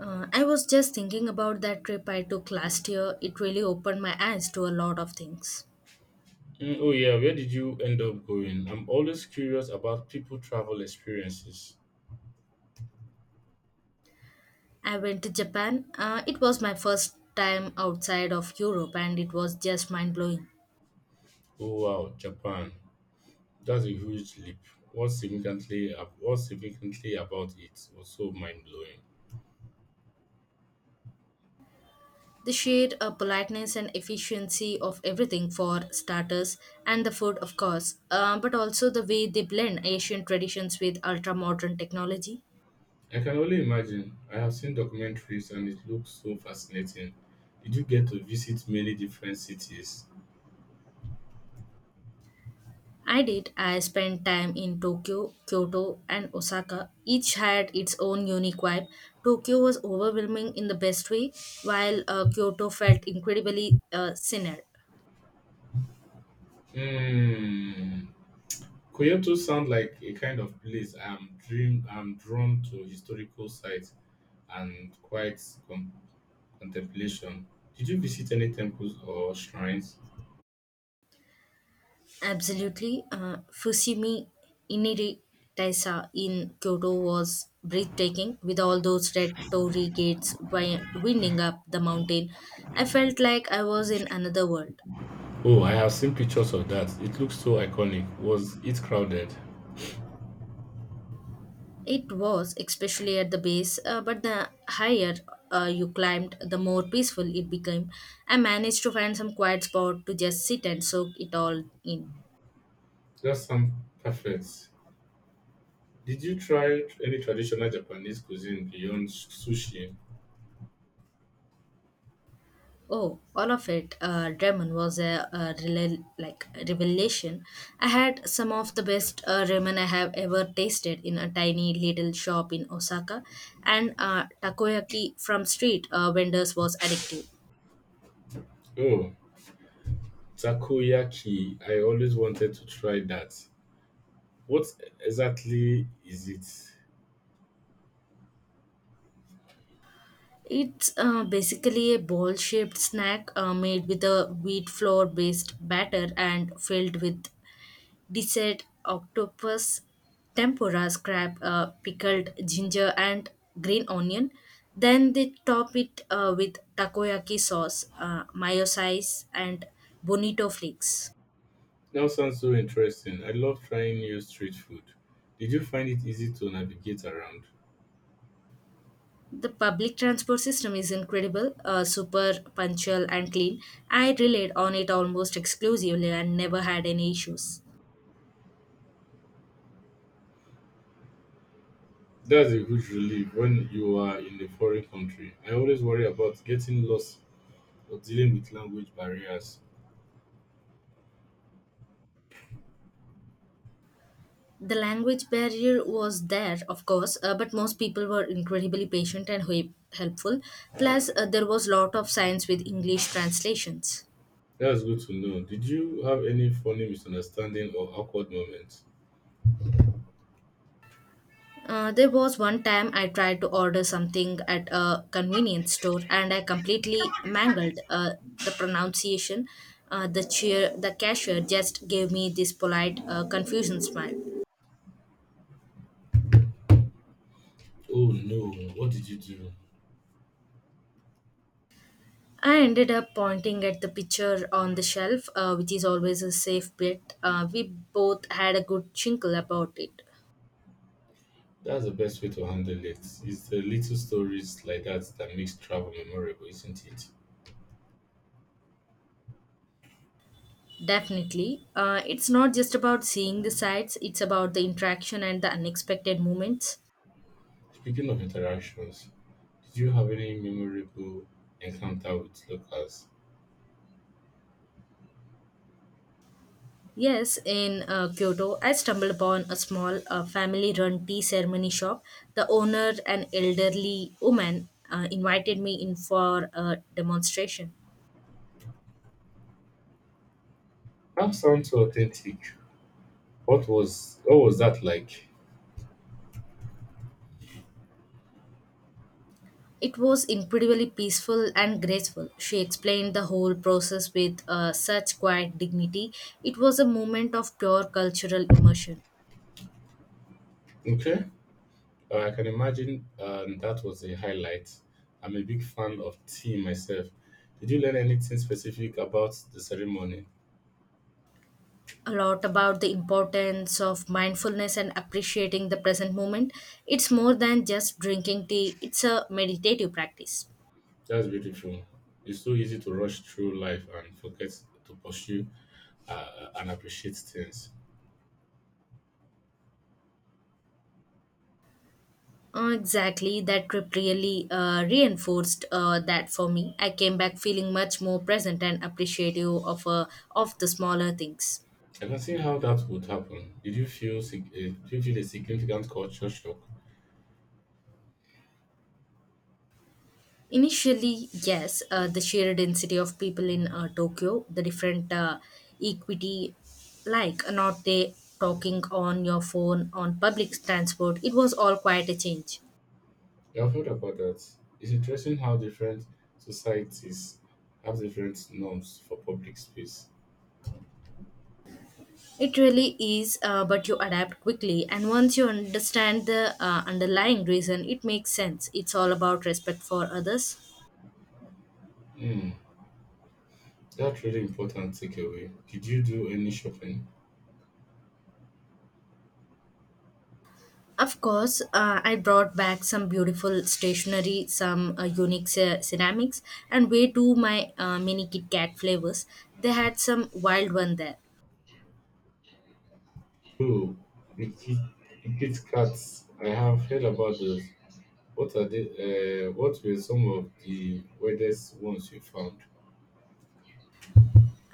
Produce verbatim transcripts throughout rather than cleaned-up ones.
Uh, I was just thinking about that trip I took last year. It really opened my eyes to a lot of things. Mm, oh yeah, where did you end up going? I'm always curious about people travel experiences. I went to Japan. Uh, it was my first time outside of Europe and it was just mind blowing. Oh wow, Japan. That's a huge leap. What significantly what significantly about it was so mind blowing. The sheer uh, politeness and efficiency of everything for starters, and the food, of course, uh, but also the way they blend Asian traditions with ultra modern technology. I can only imagine. I have seen documentaries and it looks so fascinating. Did you get to visit many different cities? I did. I spent time in Tokyo, Kyoto, and Osaka. Each had its own unique vibe. Tokyo was overwhelming in the best way, while uh, Kyoto felt incredibly uh, scenic. Hmm. Kyoto sounds like a kind of place I'm dream I'm drawn to historical sites and quite Contemplation. Did you visit any temples or shrines? Absolutely. Uh, Fushimi Inari Taisa in Kyoto was breathtaking, with all those red torii gates wi- winding up the mountain. I felt like I was in another world. Oh, I have seen pictures of that. It looks so iconic. Was it crowded? It was, especially at the base, uh, but the higher uh, you climbed, the more peaceful it became. I managed to find some quiet spot to just sit and soak it all in. That sounds perfect. Did you try any traditional Japanese cuisine beyond sushi? Oh, all of it, uh, ramen was a, a rela- like revelation. I had some of the best uh, ramen I have ever tasted in a tiny little shop in Osaka, and uh, takoyaki from street uh, vendors was addictive. Oh, takoyaki. I always wanted to try that. What exactly is it? It's uh, basically a ball shaped snack uh, made with a wheat flour based batter and filled with dessert, octopus, tempura, scrap, uh, pickled ginger, and green onion. Then they top it uh, with takoyaki sauce, uh, mayo size, and bonito flakes. That sounds so interesting. I love trying new street food. Did you find it easy to navigate around? The public transport system is incredible, uh, super punctual and clean. I relied on it almost exclusively and never had any issues. That's a huge relief when you are in a foreign country. I always worry about getting lost or dealing with language barriers. The language barrier was there, of course, uh, but most people were incredibly patient and he- helpful. Plus, uh, there was lot of science with English translations. That's good to know. Did you have any funny misunderstanding or awkward moments? Uh, there was one time I tried to order something at a convenience store and I completely mangled uh, the pronunciation. Uh, the cheer, the cashier just gave me this polite uh, confusion smile. Oh no, what did you do? I ended up pointing at the picture on the shelf, uh, which is always a safe bet. Uh, we both had a good chinkle about it. That's the best way to handle it. It's the little stories like that that makes travel memorable, isn't it? Definitely. Uh, it's not just about seeing the sights, it's about the interaction and the unexpected moments. Speaking of interactions, did you have any memorable encounter with locals? Yes, in uh, Kyoto, I stumbled upon a small uh, family run tea ceremony shop. The owner, an elderly woman, uh, invited me in for a demonstration. That sounds so authentic. What was what was that like? It was incredibly peaceful and graceful. She explained the whole process with uh, such quiet dignity. It was a moment of pure cultural immersion. Okay. Uh, I can imagine um, that was a highlight. I'm a big fan of tea myself. Did you learn anything specific about the ceremony? A lot about the importance of mindfulness and appreciating the present moment. It's more than just drinking tea, it's a meditative practice. That's beautiful. It's so easy to rush through life and forget to pursue uh, and appreciate things. Uh, exactly, that trip really uh, reinforced uh, that for me. I came back feeling much more present and appreciative of, uh, of the smaller things. I can see how that would happen. Did you feel sig- eh, did you feel a significant culture shock? Initially, yes, uh, the sheer density of people in uh, Tokyo, the different uh, equity, like uh, not they talking on your phone on public transport, it was all quite a change. Yeah, I've heard about that. It's interesting how different societies have different norms for public space. It really is, uh, but you adapt quickly, and once you understand the uh, underlying reason, it makes sense. It's all about respect for others. Hmm. That's really important takeaway. Did you do any shopping? Of course, uh, I brought back some beautiful stationery, some uh, unique ce- ceramics, and way too my uh, mini Kit Kat flavors. They had some wild one there. Oh, the kit, the Kit Kats. I have heard about those. What are they? Uh, what were some of the weirdest ones you found?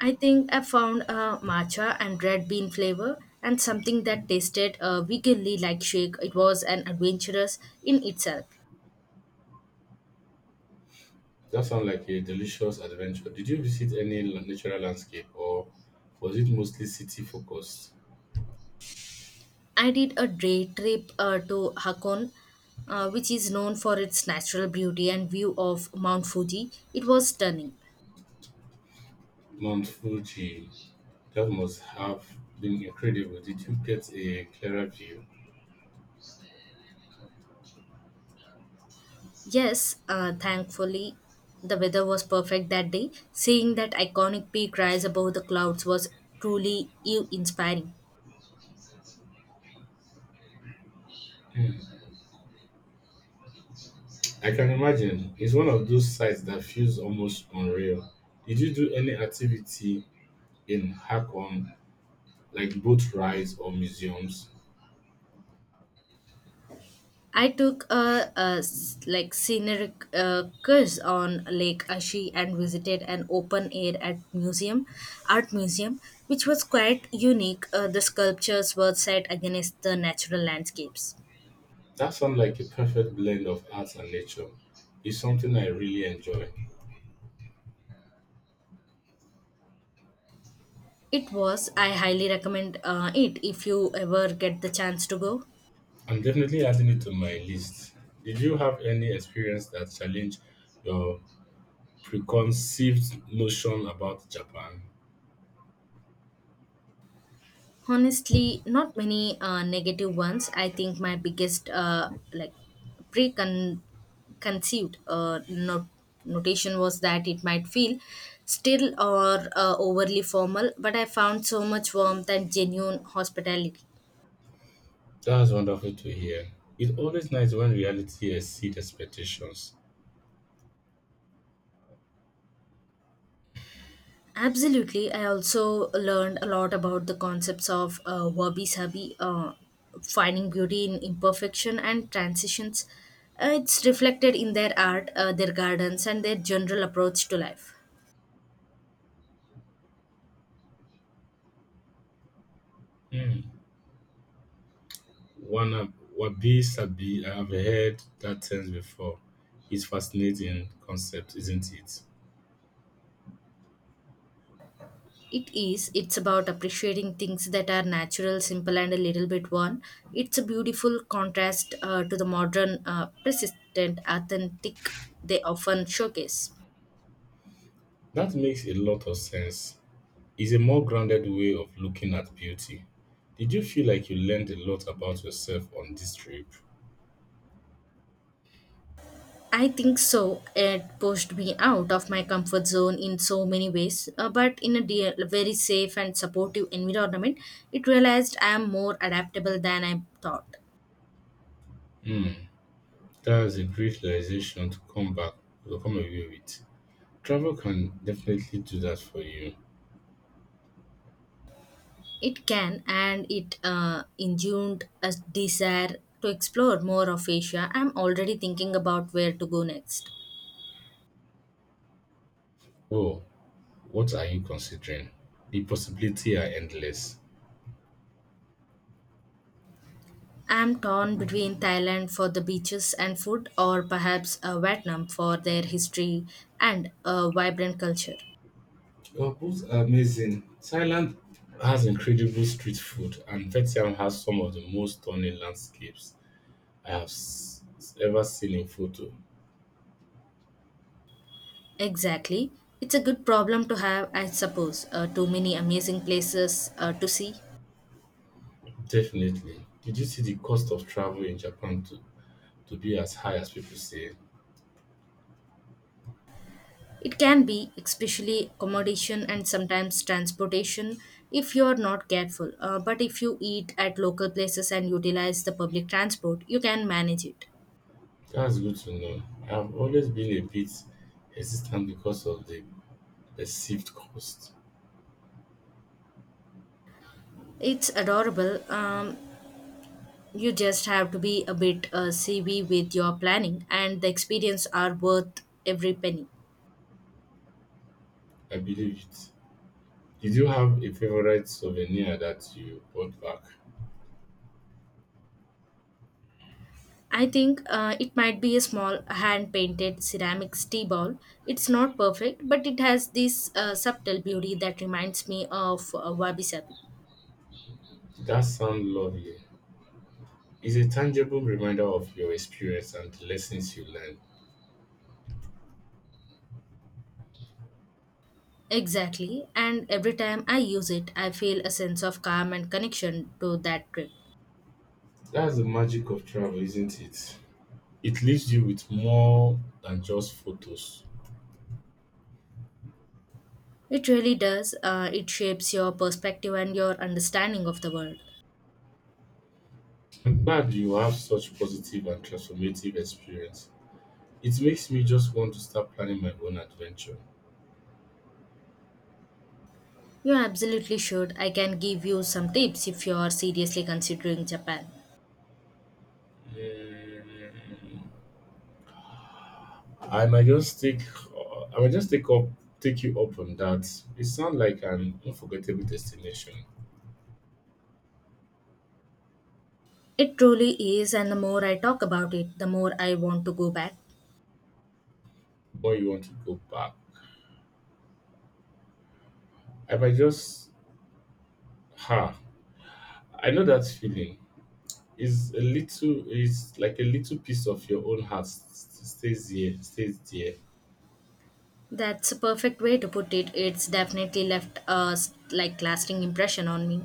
I think I found a matcha and red bean flavor and something that tasted uh, veganly like shake. It was an adventurous in itself. That sounds like a delicious adventure. Did you visit any la- natural landscape, or was it mostly city focused? I did a day trip uh, to Hakone uh, which is known for its natural beauty and view of Mount Fuji. It was stunning. Mount Fuji. That must have been incredible. Did you get a clearer view? Yes, uh, thankfully, the weather was perfect that day. Seeing that iconic peak rise above the clouds was truly awe-inspiring. I can imagine. It's one of those sites that feels almost unreal. Did you do any activity in Hakone, like boat rides or museums? I took a, a s- like scenic uh, cruise on Lake Ashi and visited an open air at museum, art museum, which was quite unique. Uh, the sculptures were set against the natural landscapes. That sounds like a perfect blend of arts and nature. It's something I really enjoy. It was. I highly recommend uh, it if you ever get the chance to go. I'm definitely adding it to my list. Did you have any experience that challenged your preconceived notion about Japan? Honestly, not many uh, negative ones. I think my biggest uh, like preconceived uh, not- notation was that it might feel still or uh, overly formal, but I found so much warmth and genuine hospitality. That's wonderful to hear. It's always nice when reality exceeds expectations. Absolutely, I also learned a lot about the concepts of uh, wabi sabi, uh, finding beauty in imperfection and transitions. Uh, it's reflected in their art, uh, their gardens, and their general approach to life. Hmm. One of Wabi Sabi, I have heard that term before. It's fascinating concept, isn't it? It is. It's about appreciating things that are natural, simple, and a little bit worn. It's a beautiful contrast uh, to the modern, uh, persistent, authentic they often showcase. That makes a lot of sense. It's a more grounded way of looking at beauty. Did you feel like you learned a lot about yourself on this trip? I think so. It pushed me out of my comfort zone in so many ways, uh, but in a dear, very safe and supportive environment, it realized I am more adaptable than I thought. Hmm, that is a great realization to come back to come away with. Travel can definitely do that for you. It can, and it uh, engendered a desire to explore more of Asia. I'm already thinking about where to go next. Oh, what are you considering? The possibility are endless. I'm torn between Thailand for the beaches and food, or perhaps uh, Vietnam for their history and a vibrant culture. Guapo's are amazing. Thailand has incredible street food, and Vietnam has some of the most stunning landscapes I have s- ever seen in photo. Exactly. It's a good problem to have, I suppose. Uh, too many amazing places uh, to see. Definitely. Did you see the cost of travel in Japan to, to be as high as people say? It can be, especially accommodation and sometimes transportation, if you are not careful. Uh, but if you eat at local places and utilize the public transport, you can manage it. That's good to know. I've always been a bit hesitant because of the perceived cost. It's adorable. Um, you just have to be a bit uh, savvy with your planning, and the experience are worth every penny. I believe it. Did you have a favorite souvenir that you brought back? I think uh, it might be a small hand painted ceramics tea ball. It's not perfect, but it has this uh, subtle beauty that reminds me of uh, wabi sabi. That sounds lovely. It's a tangible reminder of your experience and the lessons you learn. Exactly, and every time I use it, I feel a sense of calm and connection to that trip. That's the magic of travel, isn't it? It leaves you with more than just photos. It really does, uh, it shapes your perspective and your understanding of the world. I'm glad you have such positive and transformative experience. It makes me just want to start planning my own adventure. You absolutely should. I can give you some tips if you are seriously considering Japan. Mm, I might just take, uh, I might just take up, take you up on that. It sounds like an unforgettable destination. It truly is, and the more I talk about it, the more I want to go back. Where you want to go back. I might just, ha! I know that feeling. Is a little is like a little piece of your own heart s- s- stays here stays there. That's a perfect way to put it. It's definitely left a like lasting impression on me.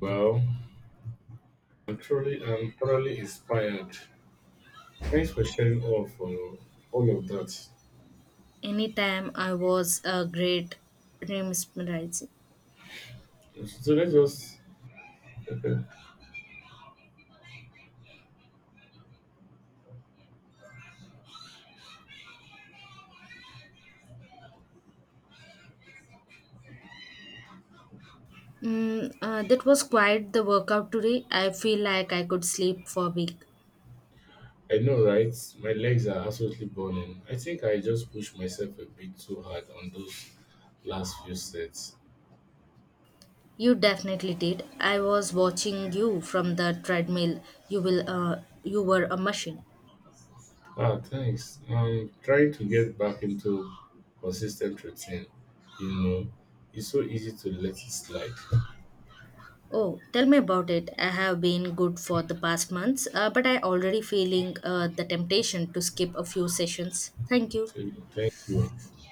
Well, i'm truly I'm thoroughly inspired. Thanks for sharing all of uh, all of that. Anytime I was a great mesmerized. So let's just. Mm, uh, that was quite the workout today. I feel like I could sleep for a week. I know, right? My legs are absolutely burning. I think I just pushed myself a bit too hard on those last few sets. You definitely did. I was watching you from the treadmill. You will. Uh, you were a machine. Ah, thanks. I'm trying to get back into consistent routine, you know. It's so easy to let it slide. Oh, tell me about it. I have been good for the past months, uh, but I already feeling uh, the temptation to skip a few sessions. Thank you. So thank you.